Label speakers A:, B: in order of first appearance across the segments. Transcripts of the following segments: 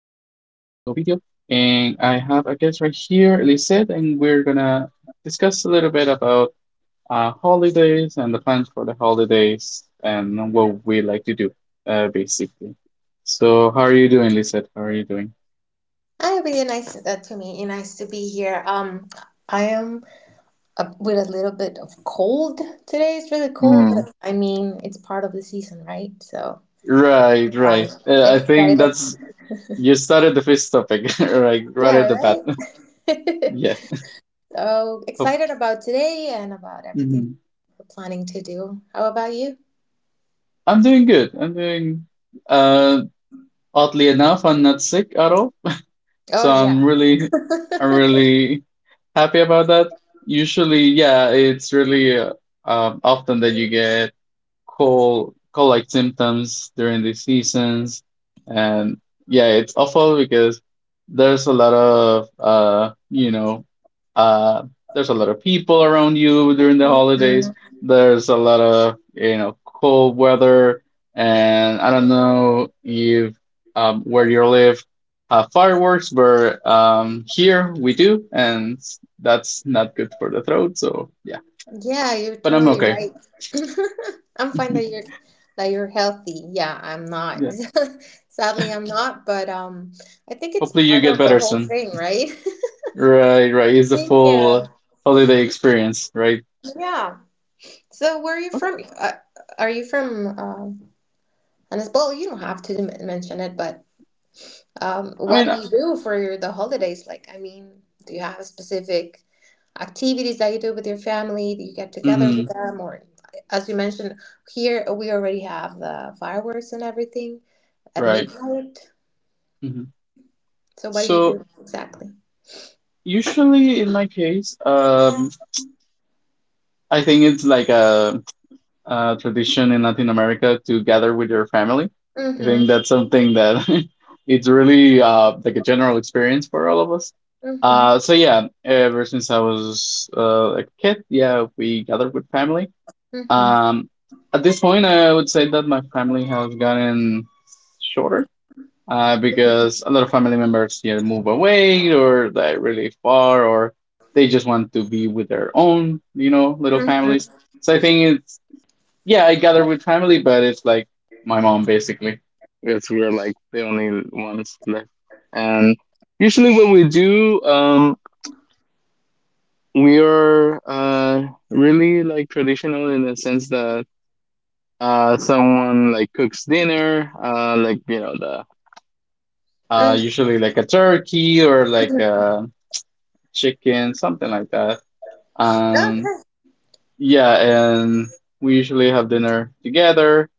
A: Ovidio, and I have a guest right here, Lisette, and we're gonna discuss a little bit about holidays and the plans for the holidays and what we like to do, basically. So, how are you doing, Lisette? How are you doing?
B: Hi, really nice to me. Nice to be here. I am with a little bit of cold today. It's really cold,
A: Mm.
B: but I mean, it's part of the season, right? So
A: Right, right.
B: fine.
A: I think
B: Excited.
A: that's you started the first topic, right, right at
B: Yeah,
A: the bat.
B: right.
A: Yeah.
B: So
A: Of,
B: excited about today and about everything
A: Mhm.
B: we're planning to do. How about you?
A: I'm doing good. I'm doing. Uh, Oddly enough, I'm not sick at all,
B: Oh
A: so
B: yeah.
A: I'm really happy about that. Usually, yeah, it's really often that you get cold like symptoms during the seasons, and yeah, it's awful because there's a lot of uh there's a lot of people around you during the holidays.
B: Mhm.
A: There's a lot of cold weather, and I don't know if where you live have fireworks, but here we do, and that's not good for the throat. So yeah,
B: Yeah, you're
A: but I'm
B: totally
A: okay.
B: right. I'm fine that you're healthy. Yeah, I'm not.
A: Yeah,
B: Sadly, I'm not, but I think it's
A: hopefully you
B: part
A: get
B: of the
A: better
B: whole
A: soon.
B: thing, right?
A: Right, right. It's a
B: Thank
A: full
B: you.
A: holiday experience, right?
B: Yeah. So, where are you
A: Okay.
B: from? Are you from and as well, you don't have to mention it, but
A: I
B: what
A: mean,
B: do you do for the holidays? Like, I mean, do you have a specific activities that you do with your family, that you get together with
A: mm
B: them, or as you mentioned, here we already have the fireworks and everything at
A: right.
B: midnight?
A: hmm
B: So what do you
A: So
B: do exactly?
A: usually in my case, I think it's like a tradition in Latin America to gather with your family. I think
B: Mm-hmm.
A: that's something that it's really like a general experience for all of us.
B: Mm-hmm.
A: So yeah, ever since I was a kid, yeah, we gathered with family.
B: Mm-hmm.
A: Um, at this point, I would say that my family has gotten shorter because a lot of family members either move away, or they're really far, or they just want to be with their own, you know, little families.
B: Mm-hmm.
A: So I think it's, yeah, I gather with family, but it's like my mom basically, because we're like the only ones left. And usually, what we do, we are really like traditional in the sense that someone like cooks dinner, like you know the
B: Mm-hmm.
A: usually like a turkey or like a chicken, something like that. Um,
B: Okay.
A: yeah, and we usually have dinner together.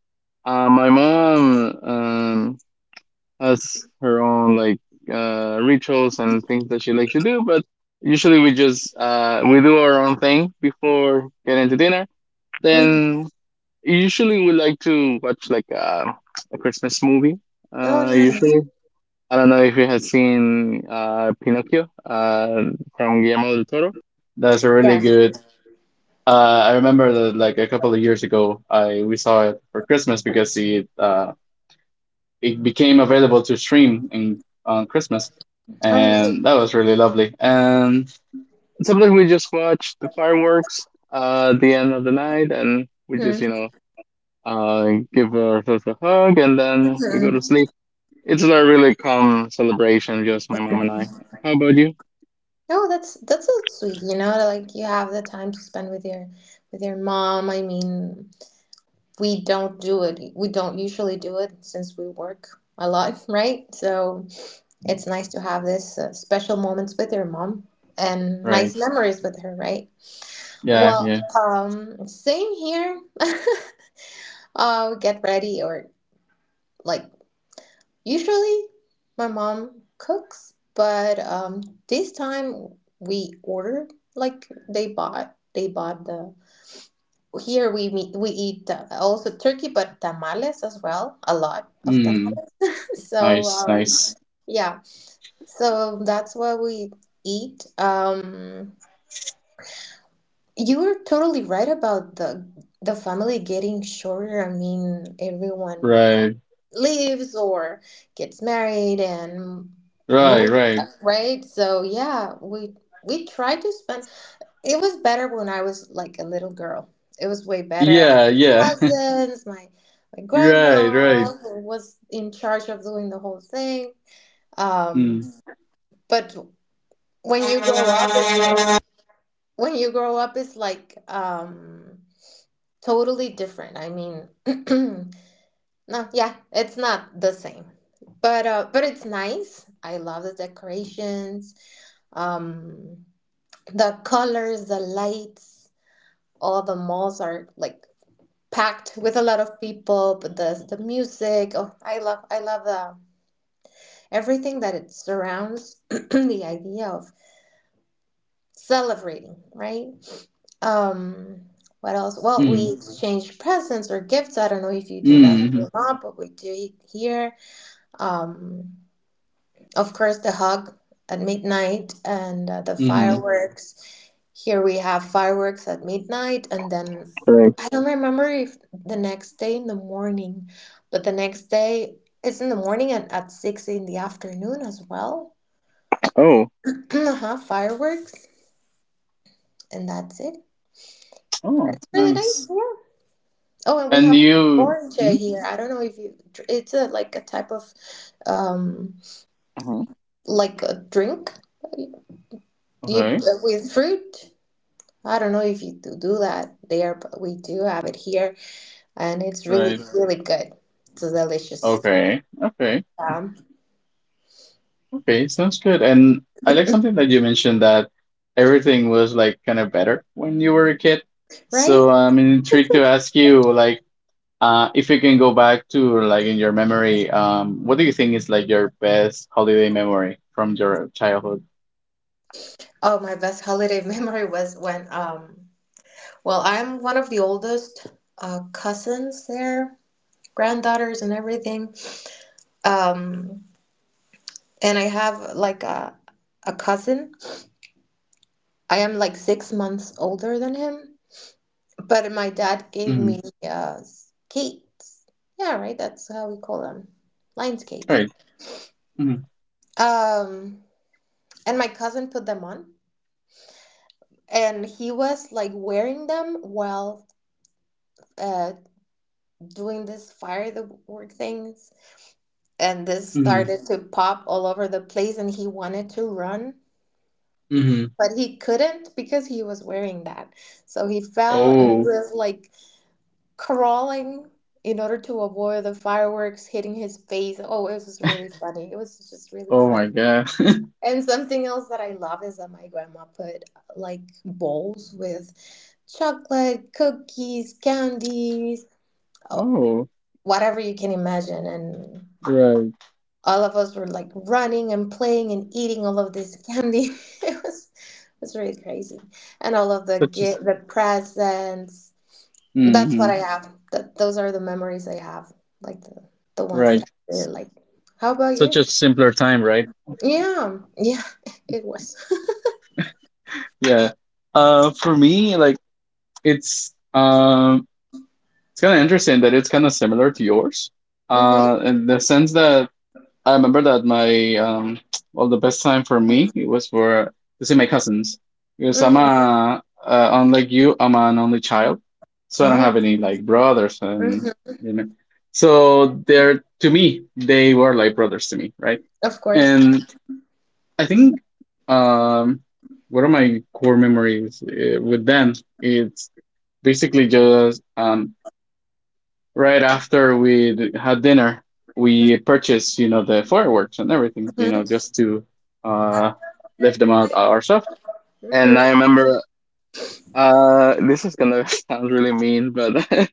A: My mom has her own like rituals and things that she likes to do, but usually we just we do our own thing before getting to dinner.
B: hmm
A: Then usually, we like to watch like a Christmas movie.
B: Oh, nice.
A: Usually, I don't know if you have seen Pinocchio from Guillermo del Toro. That's a
B: Yeah.
A: really good. I remember that like a couple of years ago, I we saw it for Christmas because it became available to stream in on Christmas,
B: Oh, nice.
A: and that was really lovely. And sometimes we just watch the fireworks at the end of the night, and we just
B: Mm-hmm.
A: give ourselves a hug, and then we go to
B: Mm-hmm.
A: sleep. It's a really calm celebration, just my mom and I. How about you?
B: Oh, that's so sweet. You know, like you have the time to spend with your mom. I mean, we don't do it. We don't usually do it since we work a lot, right? So it's nice to have this special moments with your mom and
A: Right.
B: nice memories with her, right?
A: Yeah,
B: Well,
A: yeah.
B: same here. We get ready or like usually my mom cooks, but this time we order like they bought the, here we meet, we eat also turkey but tamales as well, a lot of
A: Hmm.
B: tamales. So
A: Nice, nice.
B: yeah, so that's what we eat. You're totally right about the family getting shorter. I mean, everyone
A: Right,
B: leaves or gets married and
A: right,
B: moves,
A: right.
B: right? So yeah, we tried to spend. It was better when I was like a little girl. It was way better. I had
A: Yeah, yeah.
B: cousins, my
A: Right,
B: grandma
A: right.
B: who was in charge of doing the whole thing. Um,
A: Mm,
B: but when you grow up, it's like when you grow up, it's like totally different. I mean, no, yeah, it's not the same. But it's nice. I love the decorations, um, the colors, the lights. All the malls are like packed with a lot of people. But the music. Oh, I love the, everything that it surrounds the idea of celebrating, right? Um, what else? Well, we
A: mm,
B: exchange presents or gifts. I don't know if you do that with
A: mm,
B: your mom, but we do it here. Um, of course, the hug at midnight and the
A: mm.
B: fireworks. Here we have fireworks at midnight, and then
A: Right.
B: I don't remember if the next day in the morning, but the next day it's in the morning and at 6 in the afternoon as well.
A: Oh.
B: Uh-huh, fireworks, and that's it.
A: Oh,
B: That's really nice.
A: nice.
B: Yeah. Oh, and we
A: And
B: have
A: you.
B: orange here. I don't know if you it's a, like a type of um,
A: Mm-hmm.
B: like a drink you
A: Okay.
B: with fruit. I don't know if you do that there, but we do have it here, and it's really
A: Right.
B: really good. It's delicious.
A: Okay. Okay.
B: Um,
A: Okay, sounds good. And I like something that you mentioned, that everything was like kind of better when you were a kid.
B: right?
A: So I'm intrigued to ask you, like, if you can go back to like in your memory, what do you think is like your best holiday memory from your childhood?
B: Oh, my best holiday memory was when Well, I'm one of the oldest cousins there, granddaughters and everything. Um, and I have like a cousin I am like 6 months older than him, but my dad gave me
A: Mm-hmm.
B: skates. Yeah, right. That's how we call them, line skates.
A: Right. Mm-hmm.
B: Um, and my cousin put them on, and he was like wearing them while uh, doing this firework things, and this
A: Mm-hmm.
B: started to pop all over the place, and he wanted to run,
A: Mm-hmm.
B: but he couldn't because he was wearing that. So he fell, and he
A: Oh,
B: was like crawling in order to avoid the fireworks hitting his face. Oh, it was really funny. It was just really
A: oh
B: fun.
A: my God.
B: And something else that I love is that my grandma put like bowls with chocolate, cookies, candies, oh,
A: Oh,
B: whatever you can imagine. And
A: right.
B: all of us were like running and playing and eating all of this candy. It was it was really crazy. And all of
A: Such a
B: the presents. That's what I
A: mm-hmm.
B: have. That Those are the memories I have, like the ones that
A: Right.
B: I really like. How about
A: Such
B: you?
A: a simpler time, right?
B: Yeah, yeah, it was.
A: Yeah. For me, like, it's um it's kind of interesting that it's kind of similar to yours,
B: hmm
A: in the sense that I remember that my well, the best time for me, it was for to see my cousins, because I'm a
B: hmm
A: unlike you, I'm an only child, so I don't
B: Oh,
A: have any like brothers, and
B: hmm
A: you know, so they're to me, they were like brothers to me, right?
B: of course.
A: And I think um one of my core memories with them, it's basically just right after we had dinner, we purchased, you know, the fireworks and everything, you know,
B: Hmm
A: just to uh, lift them out ourselves.
B: hmm
A: And I remember, this is gonna sound really mean, but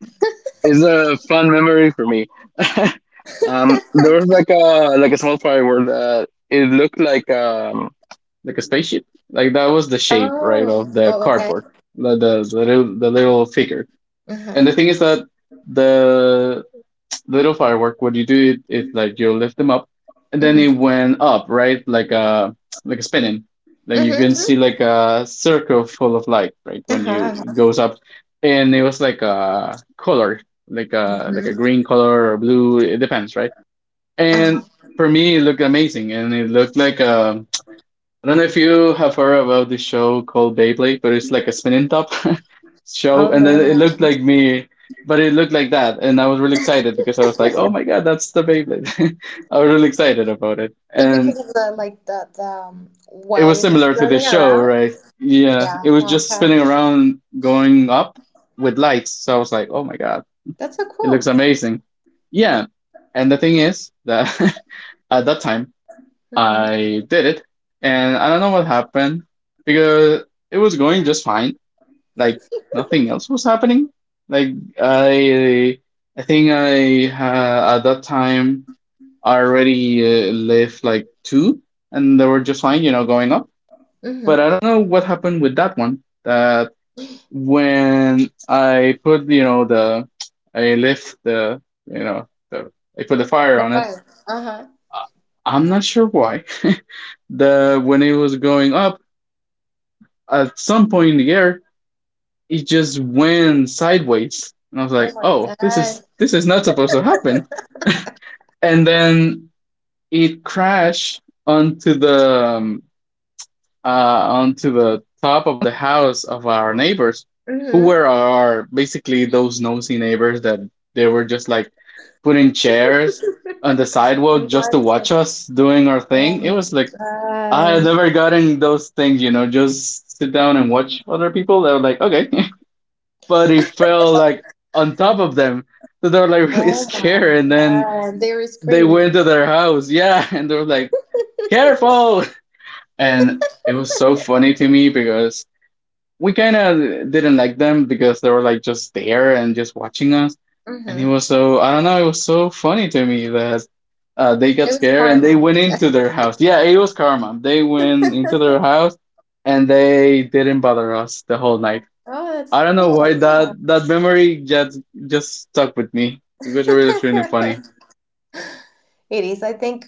A: it's a fun memory for me. There was like a small firework that it looked like a spaceship. Like that was the shape, right,
B: Oh,
A: of the
B: oh, okay.
A: cardboard, the little figure. And
B: Uh-huh.
A: the thing is that the little firework, what you do is like you lift them up, and then it
B: hmm
A: went up, right? Like a spinning. Then you can see
B: hmm
A: like a circle full of light, right? When
B: Uh-huh.
A: you it
B: Uh-huh.
A: goes up, and it was like a color, like a
B: hmm
A: green color or blue. It depends, right?
B: Uh-huh.
A: And for me, it looked amazing, and it looked like a I don't know if you have heard about this show called Beyblade, but it's like a spinning top
B: Oh
A: show. And then
B: no.
A: it looked like me, but it looked like that. And I was really excited because I was like, oh my God, that's the Beyblade. I was really excited about it.
B: So because
A: And
B: of the like the
A: it
B: while
A: was
B: it was
A: similar to
B: turning
A: this show,
B: around.
A: right? Yeah,
B: Yeah.
A: it was just
B: Okay.
A: spinning around, going up with lights. So I was like, oh my God,
B: That's so
A: it looks
B: cool.
A: amazing. Yeah. And the thing is that at that time,
B: Mm-hmm.
A: I did it, and I don't know what happened because it was going just fine. Like nothing else was happening. Like I, I think I at that time I already left like two, and they were just fine, you know, going up. But
B: Mm-hmm.
A: I don't know what happened with that one. That when I put, you know, the I left the, you know, the I put the fire
B: The
A: on it,
B: fire. Uh-huh.
A: I- I'm not sure why. The when it was going up, at some point in the air, it just went sideways, and I was
B: Oh
A: like,
B: my
A: "Oh,
B: god.
A: this is not supposed to happen." And then it crashed um, onto the top of the house of our neighbors, who were
B: Mm-hmm.
A: our basically those nosy neighbors that they were just like putting chairs on the sidewalk
B: And
A: just to watch
B: watching.
A: us doing our
B: Oh
A: thing. It
B: my
A: was like I have
B: god.
A: never gotten those things, you know, just sit down and watch other people. They were like, okay. But it fell like on top of them. So they were like really
B: Oh my
A: scared. And then
B: god. They were
A: they
B: screaming.
A: went to their house. Yeah. And they were like, careful. And it was so funny to me because we kind of didn't like them because they were like just there and just watching us. And it
B: Mm-hmm.
A: was so, I don't know, it was so funny to me that they
B: It
A: got
B: was
A: scared and they
B: karma.
A: went into their house. Yeah, it was karma. They went into their
B: Oh,
A: house and they didn't bother us the whole night.
B: that's
A: I don't know why
B: cool.
A: that
B: Yeah.
A: that memory just stuck with me because it was really, really funny.
B: It is. I think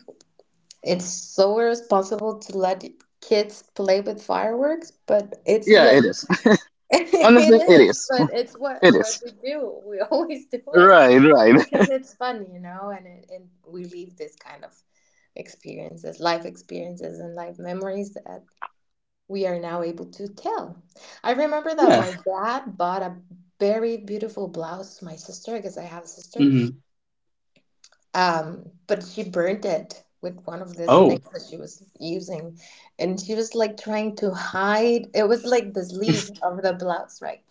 B: it's so irresponsible to let kids play with fireworks, but it's
A: Yeah,
B: like
A: it is.
B: it
A: Honestly, it
B: is,
A: is.
B: but it's what
A: It
B: what
A: is.
B: we do. We always do it
A: Right, right.
B: because it's fun, you know, and we leave this kind of experiences, life experiences, and life memories that we are now able to tell. I remember that
A: Yeah.
B: my dad bought a very beautiful blouse to my sister because I have a sister,
A: Hmm.
B: but she burnt it with one of these things
A: Oh,
B: that she was using, and she was like trying to hide. It was like the sleeve of the blouse, right?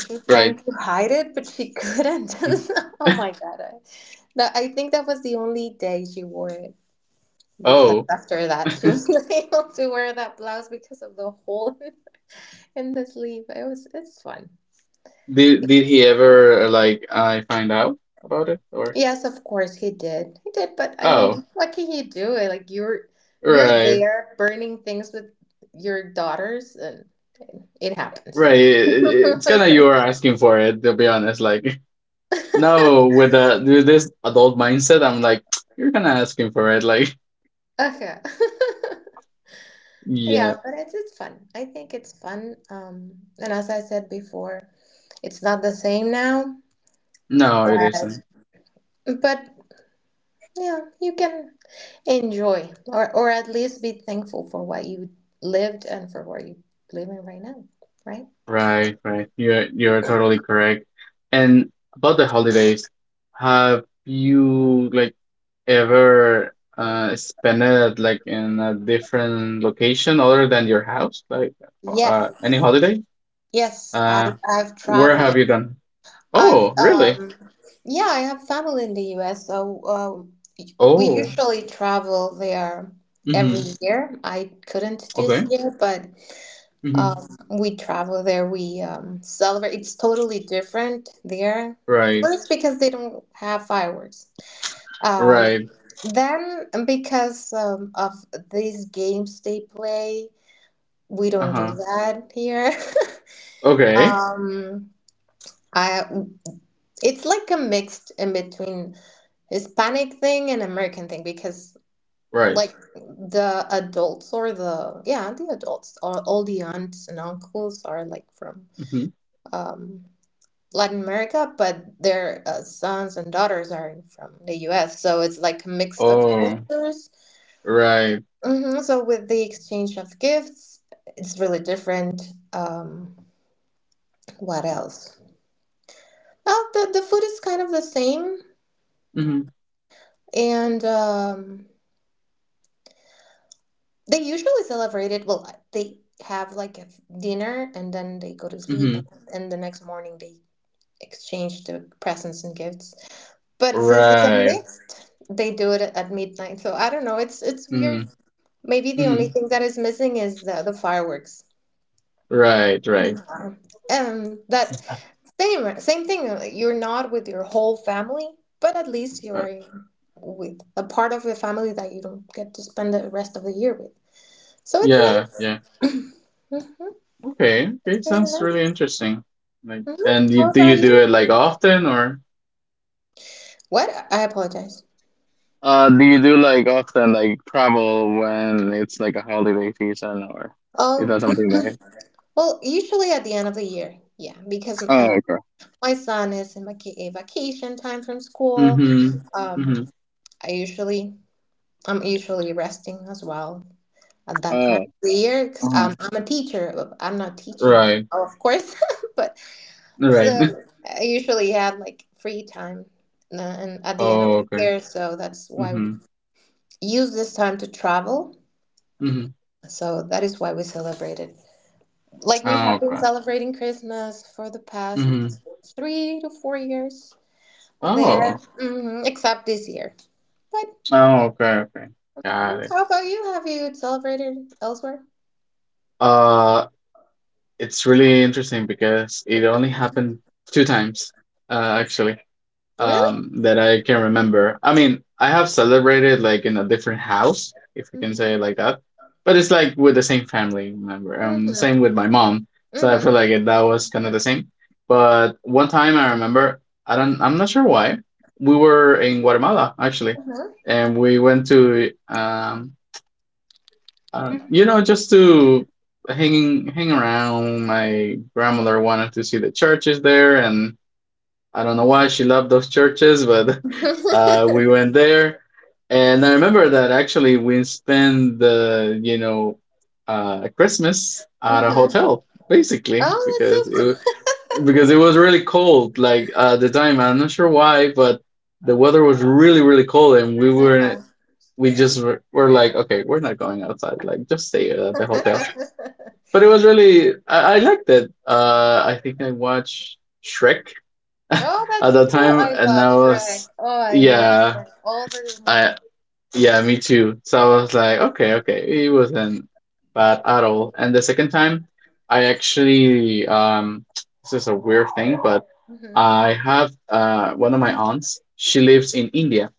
B: She was
A: right.
B: trying to hide it, but she couldn't. Oh my god! I think that was the only day she wore it because
A: Oh.
B: after that she wasn't able to wear that blouse because of the hole in the sleeve. It's fun.
A: Did he ever like I find out about it, or?
B: Yes, of course he did. He did, but I
A: Oh,
B: mean, what can you do? Like you're
A: right,
B: there burning things with your daughters and it happens, you
A: right.
B: know.
A: It, it- it's kind of you are asking for it, to be honest. Like no, with the with this adult mindset, I'm like you're kind of asking for it. Like
B: Okay. Yeah,
A: yeah,
B: but it's fun. I think it's fun. And as I said before, it's not the same now.
A: no, it
B: But
A: isn't.
B: but yeah, you can enjoy or at least be thankful for what you lived and for what you live in right now, right?
A: Right, right. You're totally correct. And about the holidays, have you like ever spend it like in a different location other than your house? Like
B: Yes,
A: any holiday?
B: yes,
A: Uh,
B: I've
A: where
B: traveled.
A: have you gone?
B: I've,
A: Oh, really?
B: yeah, I have family in the US, so we
A: Oh,
B: usually travel there every
A: mm-hmm.
B: year. I couldn't this
A: Okay.
B: year, but
A: Mm-hmm.
B: um, we travel there. We celebrate. It's totally different there.
A: Right.
B: First, because they don't have fireworks. Um,
A: Right.
B: Then, because of these games they play, we don't do
A: Uh-huh.
B: that here.
A: Okay.
B: Um, I, it's like a mixed in between Hispanic thing and American thing because
A: Right.
B: like the adults or the adults or all the aunts and uncles are like from
A: Mm-hmm.
B: um, Latin America, but their sons and daughters are from the U.S. So it's like a mix of
A: Oh,
B: cultures.
A: right.
B: Hmm So with the exchange of gifts, it's really different. Um, what else? Well, the food is kind of the same,
A: Mm-hmm.
B: and they usually celebrate it. Well, they have like a dinner, and then they go to sleep,
A: Mm-hmm.
B: and the next morning they exchange the presents and gifts. But since it's a
A: Right.
B: mixed, they do it at midnight. So I don't know. It's
A: Mm-hmm.
B: weird. Maybe the only
A: Mm-hmm.
B: thing that is missing is the fireworks.
A: Right. Right.
B: Uh-huh. And that same thing. You're not with your whole family, but at least
A: Uh,
B: you're with a part of the family that you don't get to spend the rest of the year with. So it's
A: yeah.
B: nice.
A: Yeah.
B: Hmm
A: Okay, okay, sounds really
B: hmm
A: interesting. Like, and
B: How about
A: you do it
B: you?
A: like often, or?
B: What? I apologize.
A: Do you do like often like travel when it's like a holiday season, or is
B: Um.
A: that something like?
B: Well, usually at the end of the year, yeah, because
A: Oh, okay.
B: my son is in a vacation time from school.
A: Mm-hmm.
B: Um,
A: Mm-hmm.
B: I usually I'm usually resting as well at that time
A: Oh.
B: of the year
A: Uh
B: because
A: huh.
B: I'm a teacher, but I'm not teaching right
A: Right.
B: now, of course, but so
A: Right.
B: I usually had like free time and at the end of
A: Oh,
B: the
A: okay.
B: year, so that's why we
A: Mm-hmm.
B: use this time to travel.
A: Mm-hmm.
B: So that is why we celebrate it. Like we
A: Oh,
B: have been
A: okay.
B: celebrating Christmas for the past
A: Mm-hmm.
B: 3 to 4 years there,
A: Oh.
B: hmm except this year. But
A: Oh, okay. Okay.
B: mhm,
A: Got it.
B: how about you? Have you celebrated elsewhere?
A: Uh, it's really interesting because it only happened two times, actually.
B: Really?
A: That I can remember. I mean, I have celebrated like in a different house, if you can
B: Mm-hmm.
A: say it like that, but it's like with the same family member. Same
B: Mm-hmm.
A: with my mom, so I feel
B: Mm-hmm.
A: like it, that was kind of the same. But one time I remember, I don't, I'm not sure why, we were in Guatemala actually,
B: Mm-hmm.
A: and we went to you know, just to hang around. My grandmother wanted to see the churches there, and I don't know why she loved those churches, but we went there. And I remember that actually we spent the Christmas at a
B: hmm
A: hotel, basically,
B: Oh, that's so
A: because
B: cool.
A: because it was really cold. Like at the time, I'm not sure why, but the weather was really, really cold, and
B: Uh-huh.
A: we just were like, okay, we're not going outside. Like, just stay at the hotel. But it was really, I liked it. I think I watched Shrek
B: Oh,
A: at
B: that's
A: that
B: cool.
A: time,
B: I
A: and
B: love
A: I
B: Shrek.
A: was,
B: Oh, I love
A: yeah,
B: Shrek. All the movies.
A: I, yeah, me too. So I was like, okay, okay, it wasn't bad at all. And the second time, I actually, this is a weird thing, but
B: Hmm
A: I have one of my aunts. She lives in India,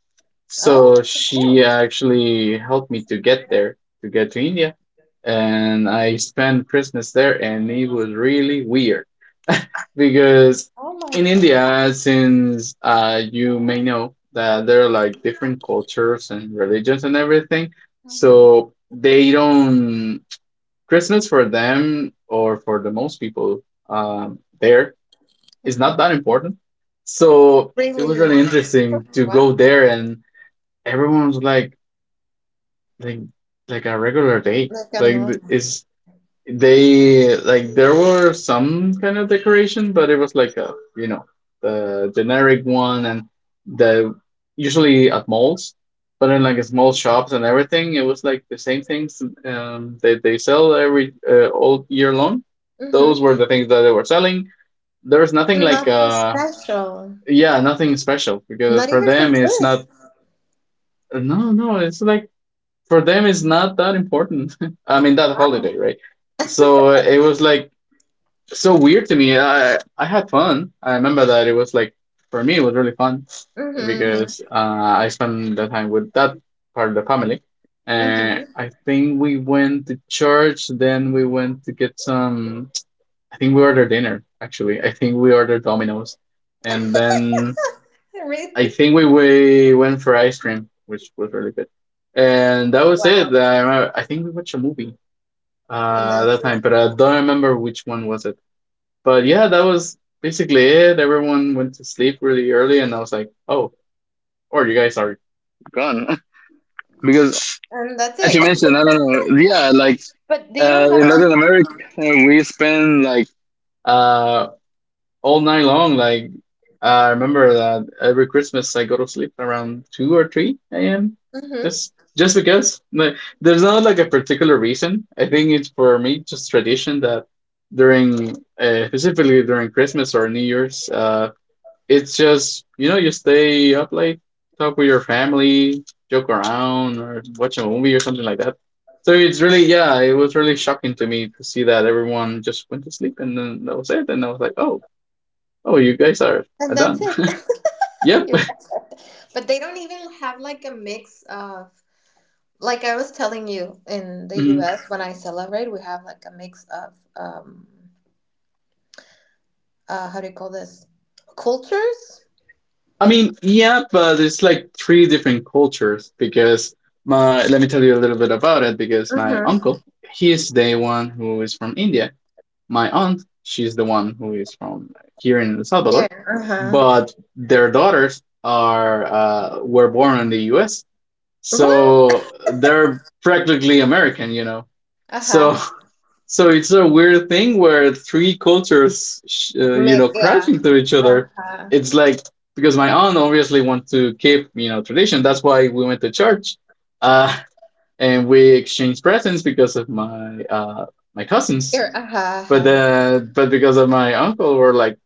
B: Oh,
A: so
B: that's so
A: she
B: cool.
A: actually helped me to get there, to get to India, and I spent Christmas there, and it was really weird because
B: Oh my
A: in
B: God.
A: India, since you may know that there are like different cultures and religions and everything,
B: Hmm
A: so they don't Christmas for them, or for the most people, there is
B: hmm
A: not that important. So it was
B: Really.
A: really interesting to go
B: Wow.
A: there, and everyone was like like a regular day.
B: Like a
A: Like th-
B: normal.
A: it's they like there were some kind of decoration, but it was like a you know the generic one and the usually at malls, but in like small shops and everything, it was like the same things that they sell every all year long. Those
B: Mm-hmm.
A: were the things that they were selling. There's nothing
B: So
A: like
B: nothing special.
A: yeah, nothing special, because
B: Not
A: for
B: even for
A: them it's
B: tourists.
A: not, no, no, it's like for them it's not that important. I mean, that holiday,
B: Wow.
A: right? So it was like so weird to me. I had fun. I remember that it was like for me it was really fun,
B: Mm-hmm.
A: because I spent the time with that part of the family, and
B: Mm-hmm.
A: I think we went to church. Then we went to get some. I think we ordered dinner, actually. I think we ordered Domino's, and then
B: Really?
A: I think we went for ice cream, which was really good. And that was it.
B: Wow.
A: I remember, I think we watched a movie
B: And that's
A: that
B: it.
A: time, but I don't remember which one was it. But yeah, that was basically it. Everyone went to sleep really early, and I was like, oh, or you guys are gone. Because,
B: And that's
A: as you
B: it.
A: mentioned, I don't know. Yeah, like
B: But they don't have.
A: in Latin America, we spend like uh, all night long. Like, I remember that every Christmas I go to sleep around 2 or 3 a.m.
B: Hmm
A: Just just because like there's not like a particular reason. I think it's for me just tradition that during specifically during Christmas or New Year's, it's just, you stay up late, talk with your family, joke around, or watch a movie or something like that. So it's really, yeah, it was really shocking to me to see that everyone just went to sleep and then that was it. And I was like, oh, oh, you guys are
B: And that's
A: done.
B: it.
A: Yep.
B: You accept it. But they don't even have like a mix of, like I was telling you in the
A: Mhm.
B: US when I celebrate, we have like a mix of, how do you call this? Cultures?
A: I mean, yeah, but it's like three different cultures because let me tell you a little bit about it. Because my
B: Mm-hmm.
A: uncle, he's the one who is from India, my aunt, she's the one who is from here in El
B: Yeah.
A: Salvador,
B: Uh-huh.
A: but their daughters are, were born in the U.S.,
B: What?
A: so they're practically American, you know.
B: Uh-huh.
A: So so it's a weird thing where three cultures,
B: Mix,
A: crash
B: yeah.
A: into each other.
B: Uh-huh.
A: It's like because my aunt obviously wants to keep, tradition. That's why we went to church, uh, and we exchanged presents because of my cousins,
B: Here, uh-huh,
A: but
B: uh-huh.
A: then, but because of my uncle, we're like,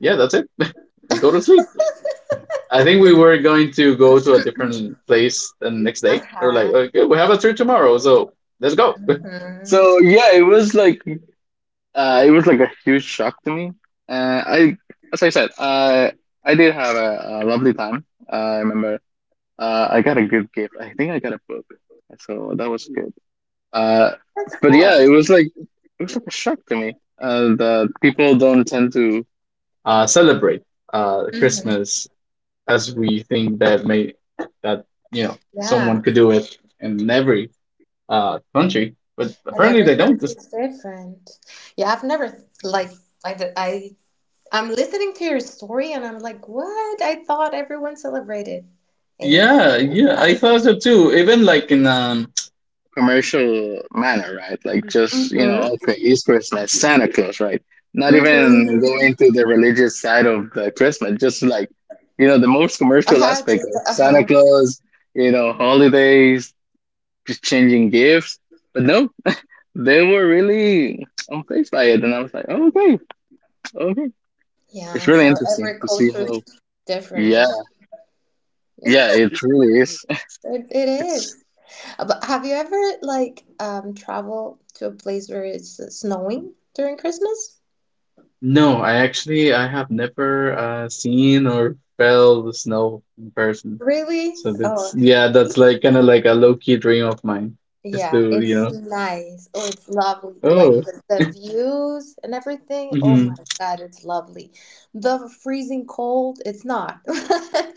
A: yeah, that's it. Go to sleep. I think we were going to go to a different place the next day. They were like,
B: uh-huh.
A: okay, we have a trip tomorrow, so let's go.
B: hmm
A: So yeah, it was like a huge shock to me. I, as I said, I did have a lovely time. I remember, I got a good gift. I think I got a book, so that was good. Uh,
B: That's
A: but
B: cool.
A: yeah, it was like a shock to me. That people don't tend to celebrate
B: hmm
A: Christmas as we think that may that you know
B: Yeah.
A: someone could do it in every country, but
B: And
A: apparently
B: every
A: they don't.
B: country's different. Yeah, I've never like I'm listening to your story and I'm like, what? I thought everyone celebrated. Yeah.
A: Yeah, yeah, I thought so too. Even like in commercial manner, right? Like,
B: Mhm.
A: just, you know,
B: Mhm.
A: okay, it's Christmas, Santa Claus, right? Not even going
B: mhm.
A: to the religious side of the Christmas, just like, you know, the most commercial
B: Uh-huh,
A: aspect
B: just
A: of
B: the
A: Santa
B: uh-huh.
A: Claus, you know, holidays, just changing gifts. But no, they were really on face by it, and I was like, oh, okay, okay. It's
B: Yeah.
A: really
B: So
A: interesting
B: every
A: to see
B: culture
A: how.
B: is different,
A: Yeah,
B: right?
A: yeah, it really is.
B: It
A: It's
B: is. But have you ever like traveled to a place where it's snowing during Christmas?
A: No, I actually I have never seen or felt the snow in person.
B: Really?
A: So that's,
B: Oh.
A: yeah, that's like kind of like a low key dream of mine. Just
B: Yeah,
A: to, you
B: it's
A: know,
B: nice. Oh, it's lovely. Like
A: oh,
B: the views and everything. Oh
A: mm-hmm,
B: my God, it's lovely. The freezing cold, it's not.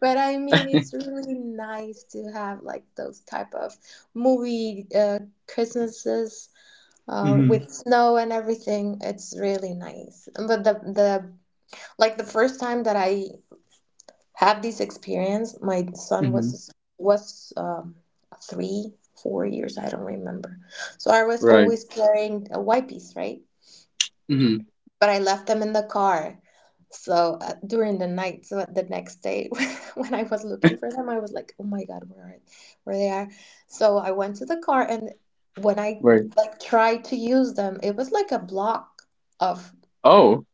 B: But I mean, it's really nice to have like those type of movie Christmases
A: mm-hmm,
B: with snow and everything. It's really nice. But the like the first time that I have this experience, my son
A: mm-hmm,
B: was three, 4 years. I don't remember. So I was
A: right,
B: always carrying a wipes, right?
A: mm-hmm,
B: But I left them in the car. So during the night, so the next day when I was looking for them, I was like, "Oh my God, where are where they are?" So I went to the car, and when I
A: right.
B: like tried to use them, it was like a block of
A: Oh,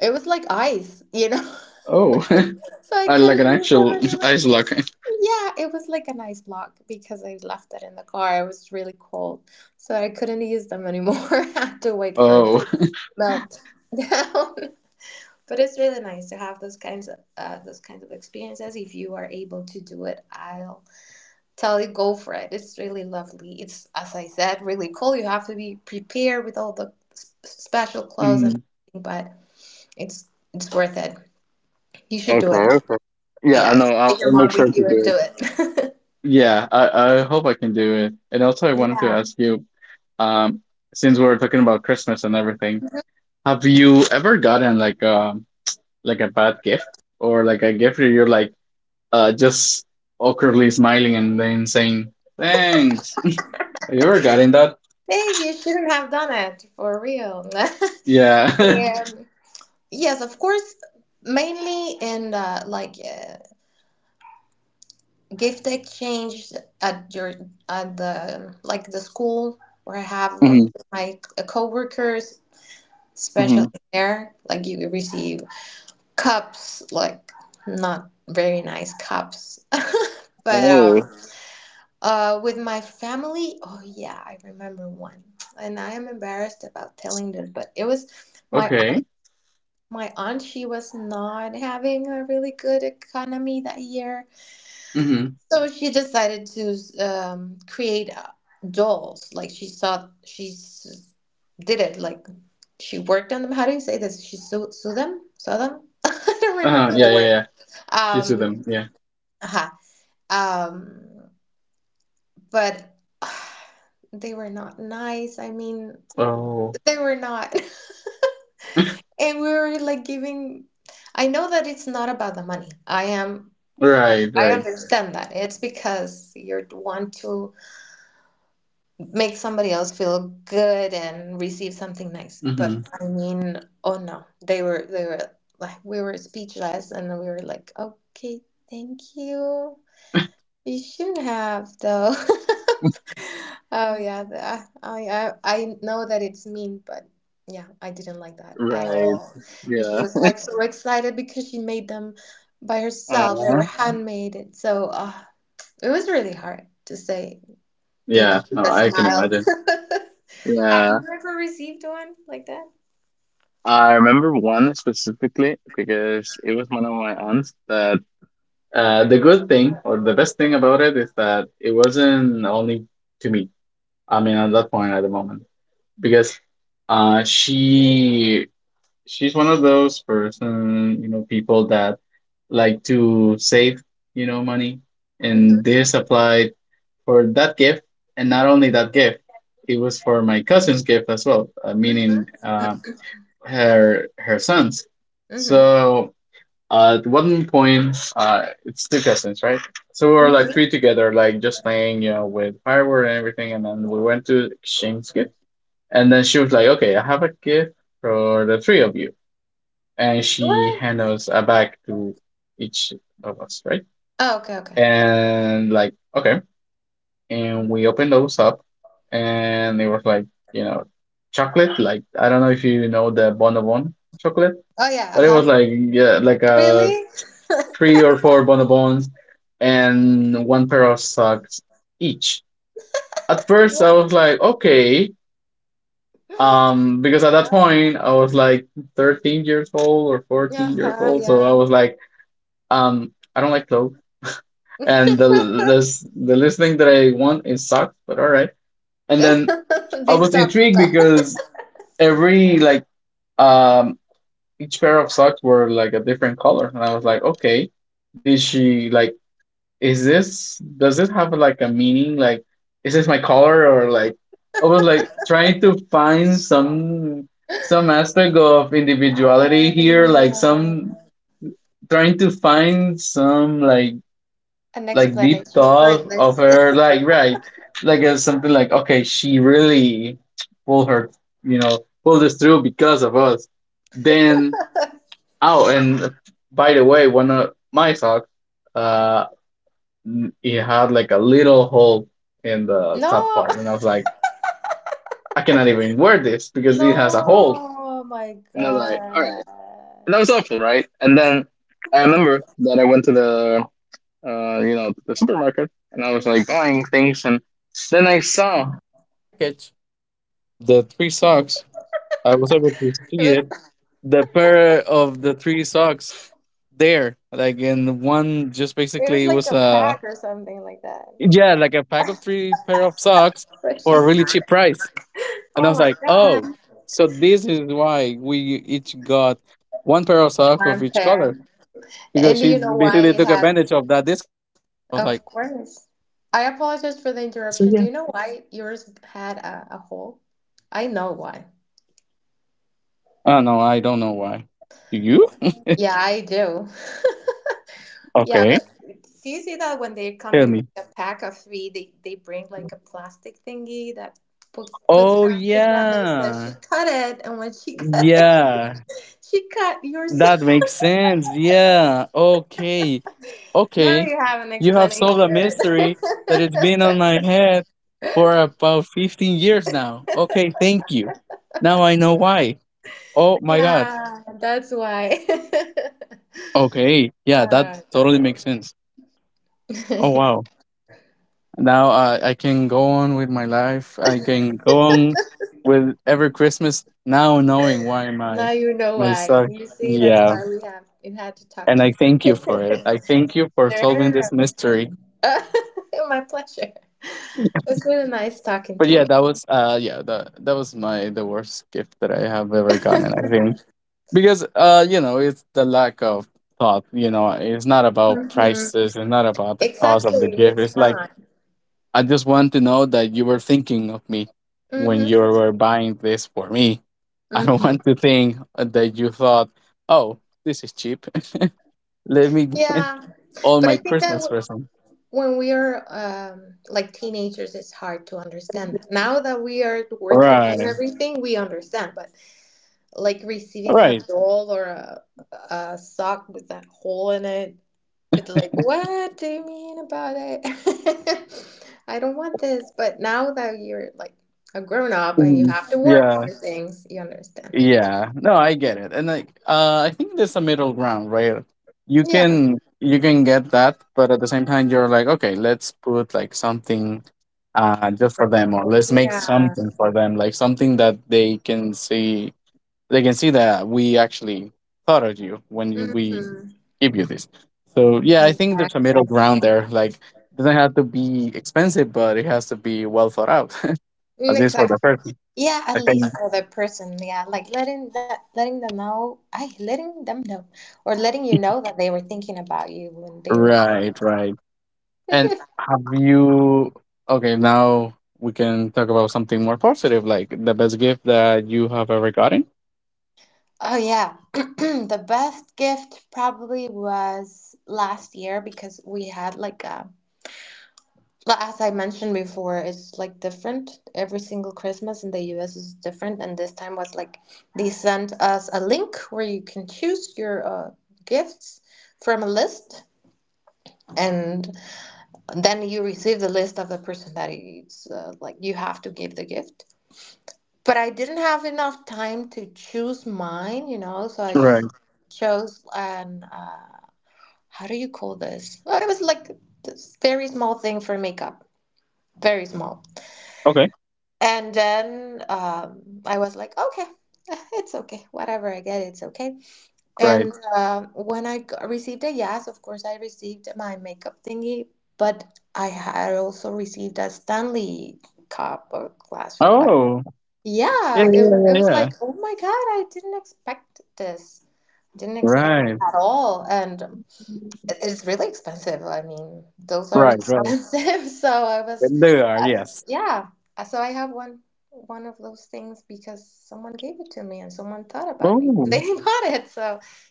B: it was like ice, you know.
A: oh,
B: So I
A: I like an
B: couldn't use them
A: actual
B: anywhere.
A: ice lock.
B: Yeah, it was like an ice block because I left it in the car. It was really cold, so I couldn't use them anymore. I had to wait for it to melt down. But it's really nice to have those kinds of experiences. If you are able to do it, I'll tell you go for it. It's really lovely. It's as I said, really cool. You have to be prepared with all the special clothes and
A: Oh,
B: everything, but it's it's worth it. You should do
A: okay,
B: it.
A: okay. Yeah, I
B: Yeah,
A: know. I'll,
B: take your
A: I'll make
B: mom
A: sure to
B: with
A: do
B: you and
A: it.
B: do it.
A: Yeah, I hope I can do it. And also, I wanted to
B: Yeah.
A: ask you, um, since we're talking about Christmas and everything, have you ever gotten like a bad gift, or like a gift where you're like just awkwardly smiling and then saying thanks? Have you ever gotten that?
B: Hey, you shouldn't have done it for real.
A: Yeah.
B: Um, yes, of course, mainly in the, like gift exchange at your at the like the school where I have
A: Hmm.
B: my coworkers, especially
A: Hmm.
B: there, like you receive cups, like not very nice cups, but
A: Oh,
B: with my family, oh yeah, I remember one, and I am embarrassed about telling this, but it was my aunt.
A: okay.
B: My aunt, she was not having a really good economy that year,
A: Hmm.
B: so she decided to create dolls. Like she saw, did it. Like she worked on them. How do you say this? She sew, sew them, sew them. I don't remember
A: Uh-huh.
B: the
A: Yeah, yeah,
B: word.
A: yeah. She's with
B: Um,
A: them. Yeah.
B: uh-huh. um. But they were not nice. I mean,
A: Oh,
B: they were not. And we were like giving I know that it's not about the money. I am
A: right,
B: I
A: right.
B: understand that. It's because you want to make somebody else feel good and receive something nice. But
A: Hmm.
B: I mean, oh no. They were like we were speechless and we were like, "Okay, thank you." You should have though. Oh yeah, I know that it's mean, but yeah, I didn't like that at
A: Right.
B: all. And she
A: Yeah.
B: was like so excited because she made them by herself. They were
A: Uh-huh.
B: handmade, and so it was really hard to say thank
A: Yeah,
B: you for
A: no,
B: the
A: I can
B: smiles.
A: imagine.
B: Have
A: Yeah.
B: you ever received one like that?
A: I remember one specifically, because it was one of my aunts that the good thing, or the best thing about it, is that it wasn't only to me. I mean, at that point, at the moment, because uh, she she's one of those people that like to save, money, and
B: Mm-hmm,
A: this applied for that gift, and not only that gift, it was for my cousin's gift as well, meaning
B: mm-hmm,
A: her son's.
B: mm-hmm,
A: So at one point, it's two cousins, right? So we were like
B: mm-hmm.
A: three together, like just playing, you know, with firework and everything, and then we went to exchange gift, and then she was like, "Okay, I have a gift for the three of you," and
B: Or
A: she handed us a bag to each of us, right?
B: oh, okay, okay.
A: And like, okay, and we opened those up, and it was like you know chocolate, like, I don't know if you know the bonobon chocolate,
B: Oh yeah,
A: but it
B: uh-huh.
A: was like, yeah, like a
B: Really?
A: three or four bonobons and one pair of socks each. At first I
B: What?
A: was like, okay, because at that
B: No.
A: point I was like 13 years old or 14 years
B: Uh-huh,
A: old, so I
B: yeah.
A: was like, I don't like clothes, and the least thing that I want is socks, but all right. And then I
B: This
A: was
B: sucks.
A: intrigued because every like um each pair of socks were like a different color, and I was like, okay, did she like, is this does this have like a meaning? Like, is this my color? Or like, I was like trying to find some aspect of individuality
B: I
A: here, like
B: know.
A: some, trying to find some like
B: An
A: like deep
B: explanation for
A: thought of
B: this.
A: her, like, right, like something like, okay, she really pulled her you know pulled this through because of us, then. Oh, and by the way, one of my socks, uh it had like a little hole in the top
B: No.
A: part, and I was like, I cannot even wear this because
B: No,
A: it has a hole,
B: oh my
A: and I was like, all right,
B: God.
A: and that was awful, right? And then I remember that I went to the the supermarket, and I was like buying things, and then I saw package, the three socks. I was able to see it,
B: It was
A: the pair of the three socks there, like in one, just basically it was
B: it was like
A: a,
B: a pack or something like that.
A: yeah, like a pack of three pair of socks for
B: But
A: a really
B: she's
A: cheap price, and I was
B: oh my
A: like, oh,
B: God.
A: so this is why we each got one pair of socks of each
B: Unfair.
A: color, because
B: And do
A: she
B: you know why
A: basically
B: it
A: took
B: had
A: advantage of that discount. I was like,
B: of course. I apologize
A: so
B: for the
A: yeah.
B: interruption. Do you know why yours had a hole? I know why.
A: Oh no, I don't know why. Do you?
B: Yeah, I do. Yeah,
A: Okay,
B: but do you see that when they come
A: tell
B: in
A: me.
B: like a pack of three, they bring like a plastic thingy that puts
A: Oh,
B: them together? So she
A: yeah.
B: cut it, and when she cut it,
A: Yeah.
B: she cut yours.
A: That makes sense. Yeah. Okay.
B: Now
A: Okay.
B: you have an
A: You have
B: explanation.
A: solved a mystery that it's been on my head for about 15 years now. Okay, thank you. Now I know why. Oh my god.
B: Yeah, that's why.
A: Okay. Yeah, that
B: Uh,
A: totally makes sense. Oh
B: um,
A: wow. Now I can go on with my life. I can go on with every Christmas now knowing why my
B: Now you know
A: my
B: why.
A: son.
B: You see, that's
A: Yeah,
B: why we had to talk
A: and
B: to
A: I thank you for it.
B: you.
A: I thank you for solving this
B: Sure.
A: mystery.
B: Uh, my pleasure. It was really nice talking
A: But
B: to
A: yeah,
B: you.
A: that was yeah, that was my the worst gift that I have ever gotten, I think. Because it's the lack of thought, it's not about
B: hmm
A: prices, it's not about the cost of
B: Exactly,
A: the gift.
B: it's
A: It's like
B: not.
A: I just want to know that you were thinking of me when you
B: Hmm
A: were buying this for me. I don't
B: hmm
A: want to think that you thought, oh, this is cheap. Let me get
B: Yeah,
A: all
B: but
A: my
B: I think that
A: Christmas presents.
B: when we are like teenagers, it's hard to understand that. Now that we are working and
A: Right.
B: everything, we understand. But like
A: All
B: receiving a
A: right.
B: doll or a sock with that hole in it, it's like, what do you mean about it? I don't want this. But now that you're like a grown up and you
A: Mm,
B: have to work
A: yeah.
B: for things, you understand.
A: Yeah. No, I get it. And like I think there's a middle ground, right? You
B: Yeah.
A: can you can get that, but at the same time you're like, okay, let's put like something just for
B: for-
A: them, or let's make
B: Yeah.
A: something for them, like something that they can see. They can see that we actually thought of you when we
B: hmm
A: give you this. So yeah, I think there's a
B: Exactly.
A: middle ground there. Like it doesn't have to be expensive, but it has to be well thought out.
B: Mm,
A: At least for
B: exactly.
A: the person.
B: Yeah, at
A: I
B: least
A: think.
B: for the person. Yeah, like letting that, letting them know, or letting you know that they were thinking about you when they were.
A: Right, right. And have you? Okay, now we can talk about something more positive, like the best gift that you have ever gotten.
B: Oh yeah, the best gift probably was last year because we had like a but as I mentioned before, it's like different. Every single Christmas in the US is different, and this time was like they sent us a link where you can choose your gifts from a list, and then you receive the list of the person that it's like you have to give the gift. But I didn't have enough time to choose mine, you know, so I just
A: Right.
B: chose an how do you call this? Well, it was like this very small thing for makeup, very small.
A: Okay.
B: And then I was like, okay, it's okay. Whatever I get, it's okay.
A: Right.
B: And when I received a yes, of course, I received my makeup thingy, but I had also received a Stanley cup or glass or what.
A: Oh. Yeah.
B: Yeah,
A: Yeah. Yeah.
B: it
A: Yeah.
B: was
A: Yeah.
B: like, oh my God, I didn't expect this. Didn't expect
A: Right.
B: it at all. And it's really expensive. I mean, those are
A: Right. Right.
B: expensive. So I was,
A: They are.
B: uh,
A: Yes.
B: yeah. So I have one of those things because someone gave it to me and someone thought about me. They
A: Oh.
B: bought it. So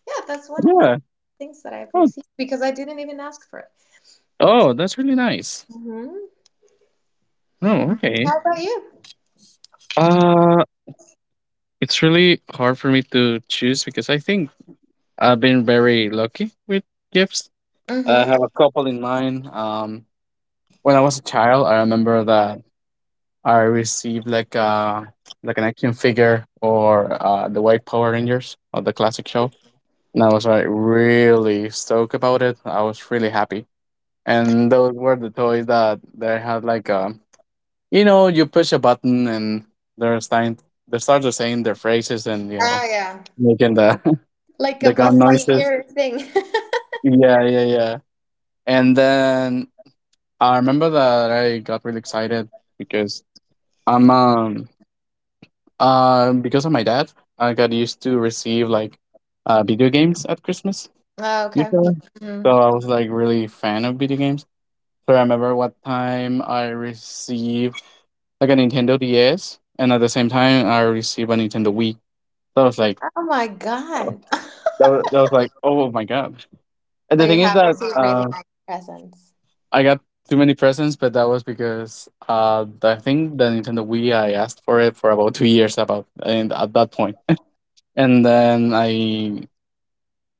B: yeah, that's one of the
A: Yeah.
B: things that I've
A: Oh.
B: received because I didn't even ask for it.
A: Oh, that's really nice.
B: Hmm
A: Oh, okay.
B: How about you?
A: Uh, it's really hard for me to choose because I think I've been very lucky with gifts. I
B: Mm-hmm.
A: have a couple in mind. When I was a child, I remember that I received like an action figure or the white Power Rangers or the classic show, and I was like really stoked about it. I was really happy, and those were the toys that they had like you push a button, and they're starting they start to saying their phrases and
B: Oh yeah,
A: making the
B: like a
A: the gun
B: Buzz
A: noises.
B: Lightyear thing.
A: Yeah, yeah, yeah. And then I remember that I got really excited because I'm because of my dad, I got used to receive like video games at Christmas
B: Oh, okay.
A: usually. So
B: Mhm.
A: I was like really fan of video games. So I remember what time I received like a Nintendo DS, and at the same time I received a Nintendo Wii. That was like,
B: Oh my
A: oh,
B: God.
A: that was like, oh my god. And
B: So
A: the
B: you
A: thing is
B: have
A: that
B: received really nice presents.
A: I got too many presents, but that was because I think the Nintendo Wii I asked for it for about 2 years about, and at that point, and then I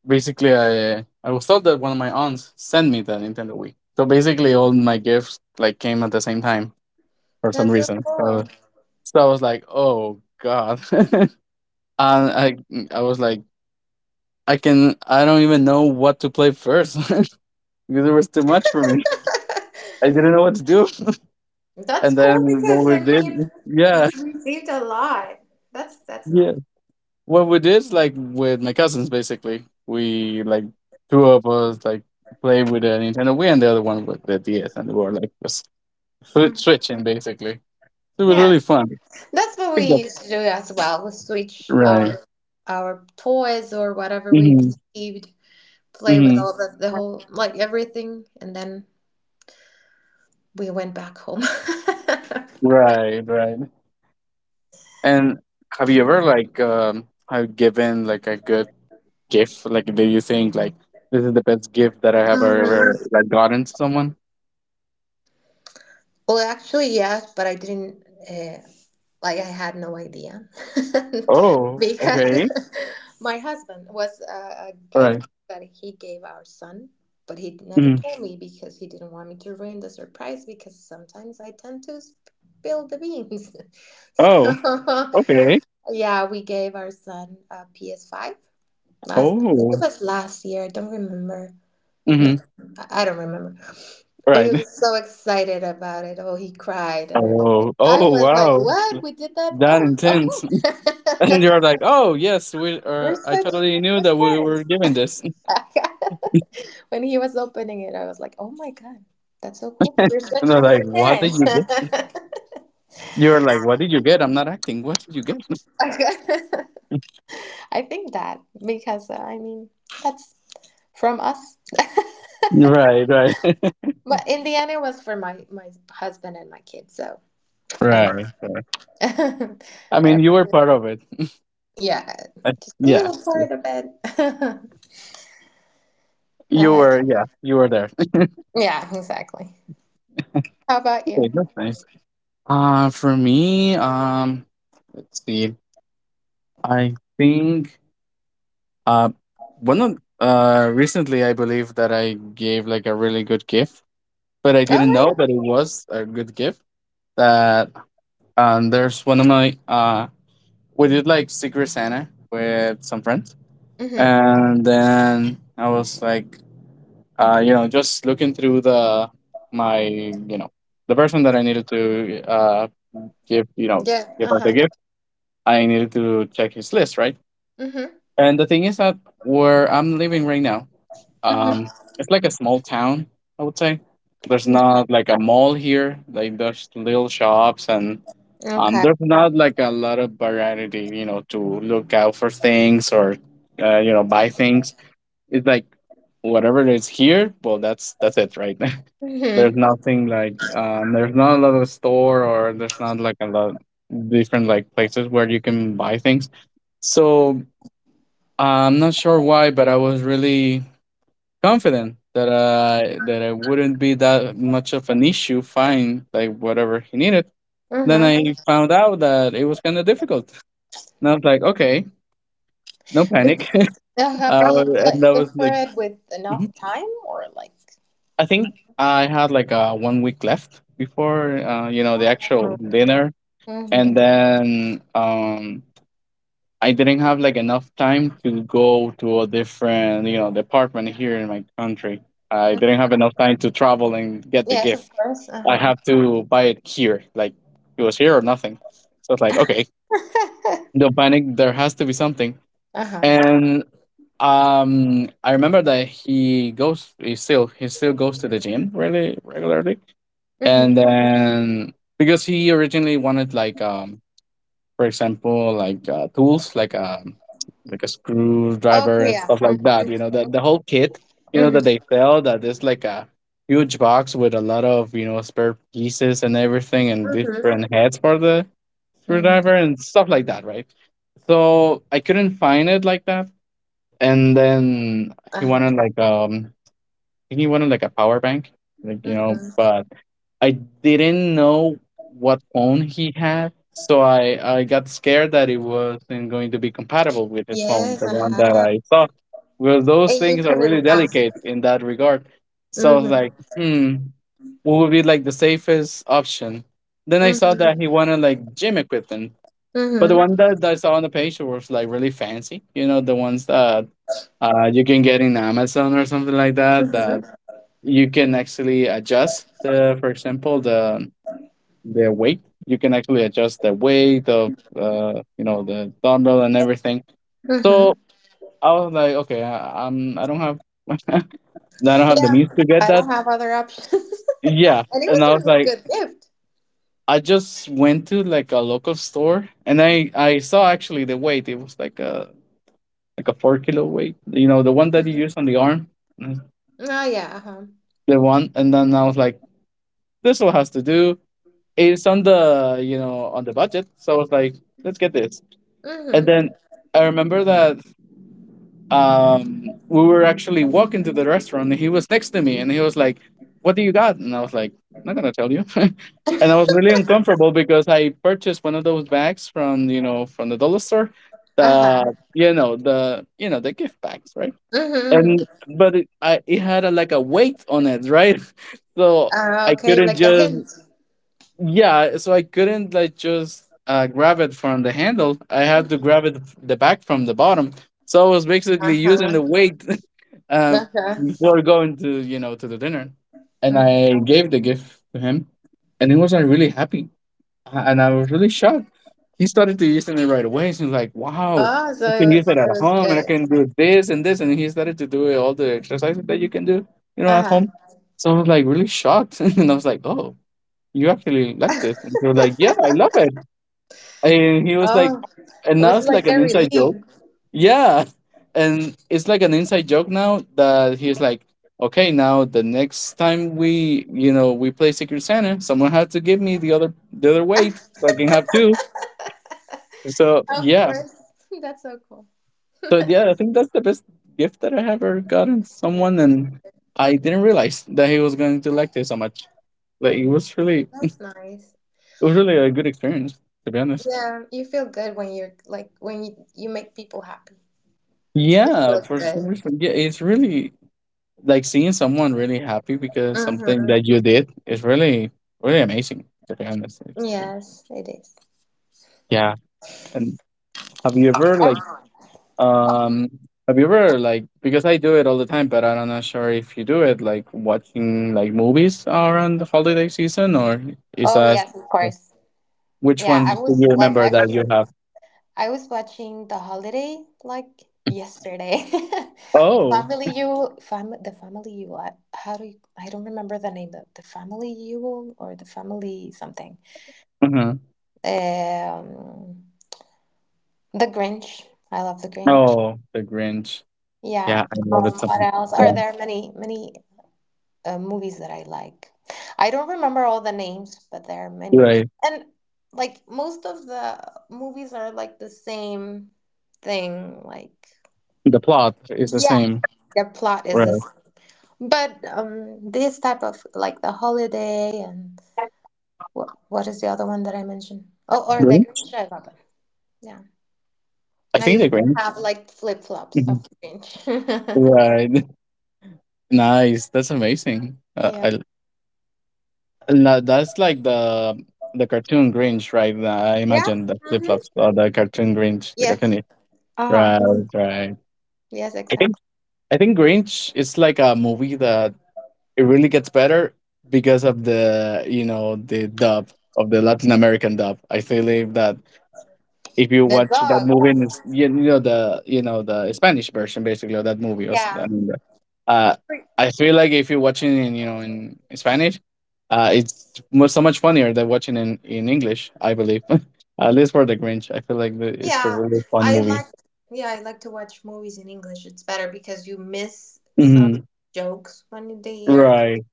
A: basically I was told that one of my aunts sent me the Nintendo Wii. So basically, all my gifts like came at the same time for some
B: That's so
A: reason.
B: cool.
A: So I was like, oh god, and I I was like, I don't even know what to play first. Because it was too much for me. I didn't know what to do.
B: That's
A: And then
B: cool
A: what
B: because
A: we
B: I
A: did,
B: mean
A: yeah,
B: you received a lot. That's
A: yeah.
B: nice.
A: What we did, like with my cousins, basically, we like two of us like play with a Nintendo Wii, and the other one with the DS, and we were like just swi-
B: Mm.
A: switching basically. So it was
B: Yeah,
A: really fun. I
B: that's what we
A: think that's
B: used to do as well. We switch
A: right.
B: our toys or whatever we
A: Hmm,
B: received, play with
A: hmm.
B: all the whole like everything, and then we went back home.
A: Right, right. And have you ever like have given like a good gift? Like, do you think like this is the best gift that I have
B: Mm.
A: ever like gotten to someone?
B: Well, actually, yes, but I didn't. Uh, Like I had no idea
A: Oh,
B: because
A: okay.
B: my husband was a
A: All
B: gift
A: right.
B: that he gave our son, but he never
A: Mm.
B: told me because he didn't want me to ruin the surprise because sometimes I tend to spill the beans. So
A: Oh, okay.
B: yeah, we gave our son a PS5 last it
A: Oh,
B: was last year. I don't remember. No,
A: mm-hmm.
B: I don't remember. Oh, he
A: Right.
B: was so excited about it. Oh, he cried and everything.
A: Oh,
B: I
A: oh,
B: was like,
A: wow,
B: what? We did that?
A: that
B: Oh,
A: intense. And
B: okay.
A: you're like, oh yes, we.
B: We're
A: I
B: such
A: totally knew
B: good
A: that we were
B: parents.
A: given this.
B: When he was opening it, I was like, oh my God, that's so cool. We're
A: And
B: such
A: they're
B: good
A: like, what did
B: parents.
A: you get? You're like, what did you get? I'm not acting. What did you get?
B: I think that because, I mean, that's from us.
A: Right, right,
B: But in the end, it was for my husband and my kids. So I
A: right.
B: mean,
A: I mean, you
B: whatever.
A: were part of it.
B: Yeah. A little
A: Yes,
B: part of it.
A: you
B: uh,
A: were. Yeah, you were there.
B: yeah, exactly. How about
A: Okay,
B: you?
A: that's nice. For me, let's see. I think uh, one of recently, I believe that I gave like a really good gift, but I
B: Oh,
A: didn't know
B: really?
A: that it was a good gift. That there's one of my we did like Secret Santa with some friends,
B: Mm-hmm.
A: and then I was like just looking through the my, the person that I needed to give, you know,
B: Yeah.
A: give us a
B: Uh-huh.
A: gift, I needed to check his list, right?
B: Mm-hmm.
A: And the thing is that where I'm living right now, um, it's like a small town, I would say. There's
B: Mm-hmm.
A: not like a mall here. Like there's little shops, and
B: Okay.
A: there's not like a lot of variety, to look out for things, or buy things. It's like whatever is here, well, that's it, right? There's
B: Mm-hmm.
A: nothing like there's not a lot of store, or there's not like a lot different like places where you can buy things. So I'm not sure why, but I was really confident that it wouldn't be that much of an issue find like whatever he needed. Then
B: Mm-hmm.
A: I found out that it was kind of difficult, and I was like, okay, no panic.
B: But how
A: uh,
B: about you
A: and
B: like
A: that was
B: look for
A: like,
B: it with
A: mm-hmm.
B: enough time or like
A: I think I had like one week left before the actual dinner, and
B: mm-hmm.
A: then I didn't have like enough time to go to a different department here in my country. I didn't have enough time to travel and get the
B: Yes, of
A: gift.
B: course.
A: I
B: Uh-huh.
A: have to buy it here. Like it was here or nothing. So it's like, okay, don't panic. There has to be something.
B: uh-huh.
A: And I remember that he goes. He still goes to the gym really regularly,
B: Mm-hmm.
A: and then because he originally wanted like for example, like tools like a screwdriver
B: Okay,
A: and
B: yeah.
A: stuff like
B: Mm-hmm.
A: that, the whole kit, that
B: Mm-hmm.
A: they sell, that is like a huge box with a lot of spare pieces and everything, and
B: Mm-hmm.
A: different heads for the
B: Mm-hmm.
A: screwdriver and stuff like that, right? So I couldn't find it like that, and then he wanted
B: Uh-huh.
A: like I think he wanted like a power bank, like,
B: Mm-hmm.
A: but I didn't know what phone he had, so I got scared that it wasn't going to be compatible with his phone,
B: Yes,
A: the one that
B: uh-huh.
A: I saw. Because those
B: And you
A: things are really
B: couldn't ask.
A: delicate in that regard. So I was like,
B: Mm-hmm.
A: what would be like the safest option? Then I saw
B: Mm-hmm.
A: that he wanted like gym equipment. But the
B: Mm-hmm.
A: one that I saw on the page was like really fancy, the ones that you can get in Amazon or something like that, that
B: Mm-hmm.
A: you can actually adjust for example, their weight. You can actually adjust the weight of the dumbbell and everything. So
B: Mm-hmm.
A: I was like, okay, I don't have I don't have the means
B: Yeah.
A: to get
B: I
A: that.
B: don't have other options. And
A: Yeah,
B: it
A: and
B: was
A: I
B: a
A: was
B: really
A: like,
B: good gift.
A: I just went to like a local store, and I saw actually the weight. It was like a 4 kilo weight, the one that you use on the arm. Mhm.
B: Oh yeah. Uh-huh.
A: The one. And then I was like, this will has to do. It's on the you know on the budget, so I was like, let's get this. And
B: Mm-hmm.
A: then I remember that we were actually walking to the restaurant, and he was next to me, and he was like, what do you got? And I was like, I'm not gonna tell you. And I was really uncomfortable because I purchased one of those bags from the dollar store.
B: Uh-huh.
A: The gift bags, right?
B: Mm-hmm.
A: And but it had a, like a weight on it, right? So I
B: Okay,
A: couldn't
B: like a
A: just,
B: hint.
A: yeah, so I couldn't like just, grab it from the handle. I
B: Uh-huh.
A: had to grab it the back from the bottom, so I was basically using the weight uh,
B: Uh-huh.
A: before going to you know to the dinner, and
B: Mm.
A: I gave the gift to him, and he wasn't really happy. And I was really shocked. He started to use it right away, so he's like, wow,
B: Oh,
A: I
B: so it
A: can use
B: was
A: it at
B: it was
A: home and I
B: good.
A: can do this and this. And he started to do all the exercises that you can do at
B: Uh-huh.
A: home. So I was like, really shocked. And I was like, oh, you actually like this? And they were like, yeah, I love it. And he was like,
B: Oh,
A: and
B: it
A: now
B: was
A: it's like
B: like
A: an
B: a
A: inside joke.
B: relief.
A: Yeah. And it's like an inside joke now that he's like, okay, now the next time we, we play Secret Santa, someone had to give me the other weight so I can have two. So
B: Of
A: yeah.
B: course. That's so cool.
A: So yeah, I think that's the best gift that I have ever gotten
B: Yeah,
A: someone. And I didn't realize that he was going to like this so much. Like it
B: that's nice.
A: was really a good experience, to be honest.
B: Yeah, you feel good when you're like when you make people happy. It
A: Yeah,
B: feels
A: for some
B: good.
A: reason, yeah, it's really like seeing someone really happy because something
B: Mm-hmm.
A: that you did is really, really amazing, to be honest.
B: Yes, it is.
A: Yeah. And have you ever
B: Oh,
A: um, have you ever like, because I do it all the time, but I'm not sure if you do it, like watching like movies around the holiday season, or is
B: oh
A: that
B: yes, of course.
A: which
B: Yeah,
A: one
B: I
A: do
B: was
A: you
B: like
A: remember that you
B: actually
A: have?
B: I was watching The Holiday like yesterday.
A: Oh,
B: Family You fam the Family You I, how do you, I don't remember the name of the Family You or the Family something.
A: hmm
B: Um The Grinch. I love The Grinch.
A: oh, The Grinch.
B: Yeah.
A: Yeah, I love it so
B: What else? Are
A: much.
B: there many movies that I like. I don't remember all the names, but there are
A: Yeah,
B: many.
A: right.
B: And like most of the movies are like the same thing, like
A: The plot is the
B: yeah,
A: same.
B: the plot is
A: Right.
B: this. But this type of like the holiday and what is the other one that I mentioned? Oh, or the
A: Really?
B: Grinch. I love it. Yeah,
A: I think
B: I
A: they're green.
B: have like flip flops
A: Mhm.
B: of The Grinch.
A: Right. Nice. That's amazing.
B: Yeah.
A: I, no, that's like the cartoon Grinch, right? I
B: Yeah.
A: imagine the flip
B: Mm-hmm.
A: flops or the cartoon Grinch, the
B: Yes.
A: cartoon.
B: Uh
A: Right.
B: huh.
A: Right.
B: Yes,
A: I think
B: exactly.
A: I think Grinch is like a movie that it really gets better because of the you know the dub of the Latin American dub. I feel like that if you
B: The
A: watch that
B: dog.
A: movie in you, you know the Spanish version basically of that movie also,
B: Yeah.
A: uh I feel like if you're watching in in Spanish, it's so much funnier than watching in English I believe. At least for the Grinch, I feel like it's a
B: Yeah,
A: really fun
B: I
A: movie.
B: like yeah, I like to watch movies in English. It's better because you miss some
A: Hmm.
B: jokes when they are
A: Right.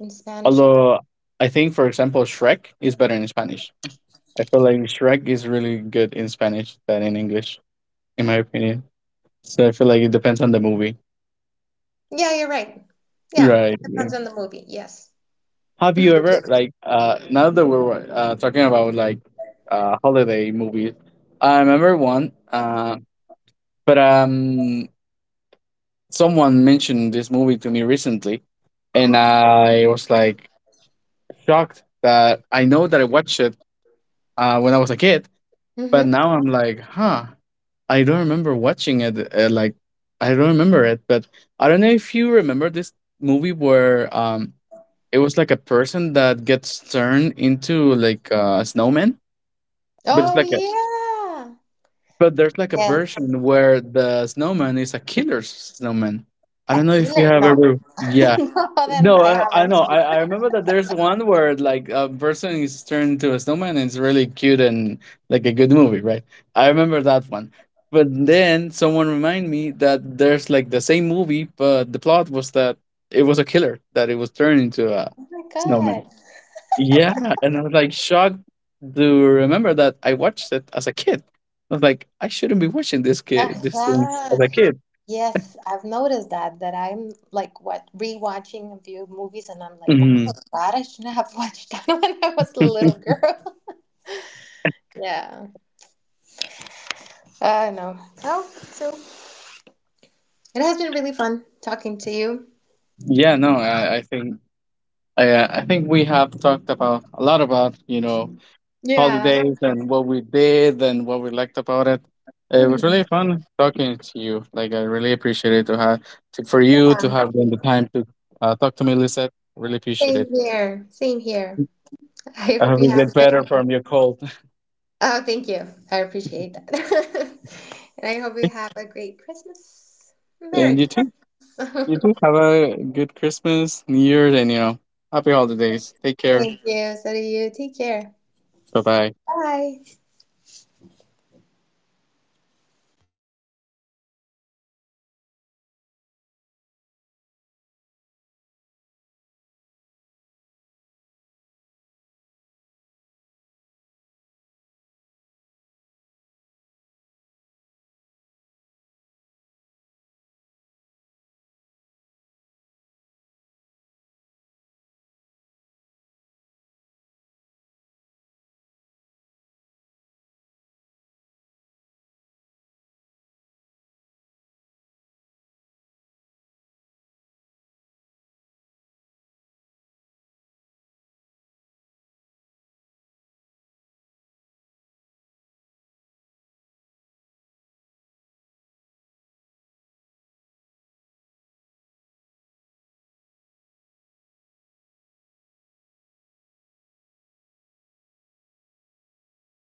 B: in Spanish. Yeah.
A: Although I think, for example, Shrek is better in Spanish. I feel like Shrek is really good in Spanish than in English, in my opinion. So I feel like it depends on the movie,
B: Yeah, you're right. Yeah, it
A: right?
B: depends on the movie. Yes.
A: Have you ever now that we're talking about like holiday movies, I remember one but someone mentioned this movie to me recently and
B: Mm-hmm.
A: I was like shocked that I know that I watched it when I was a kid, but
B: mm-hmm.
A: now I'm like, huh, I don't remember watching it, like I don't remember it, but I don't know if you remember this movie where it was like a person that gets turned into like a snowman. But it's
B: Oh
A: like a
B: yeah.
A: but there's like a
B: Yes.
A: version where the snowman is a killer snowman. I
B: A
A: don't know if you
B: killer?
A: have
B: No.
A: ever yeah.
B: No, then
A: No,
B: I
A: I
B: haven't.
A: know. I remember that there's one where like a person is turned into a snowman and it's really cute and like a good movie, right? I remember that one. But then someone reminded me that there's like the same movie, but the plot was that it was a killer that it was turned into a
B: Oh my God.
A: snowman. Yeah, and I was like shocked to remember that I watched it as a kid. I was like, I shouldn't be watching this kid these things
B: Uh-huh.
A: as a kid.
B: Yes, I've noticed that that I'm like what rewatching a few movies and I'm like, oh my
A: Hmm.
B: God, I shouldn't have watched that when I was a little girl. Yeah, I know. Well, so it has been really fun talking to you.
A: Yeah, no, I think I think we have talked about a lot about
B: Yeah.
A: holidays and what we did and what we liked about it. It was
B: Mhm.
A: really fun talking to you. Like I really appreciate it to have for you to
B: Yeah.
A: have done the time to talk to me, Lisette. Really appreciate
B: Same
A: it.
B: here. Same here. I
A: I
B: hope
A: hope
B: you
A: you
B: have a
A: get
B: great.
A: better from your cold,
B: Oh, thank you. I appreciate that. And I hope you have a great Christmas. Merry
A: and you too.
B: Christmas.
A: You too. Have a good Christmas, New Year's, and, you know, happy holidays. Take care.
B: Thank you. So do you. Take care.
A: Bye bye.
B: Bye.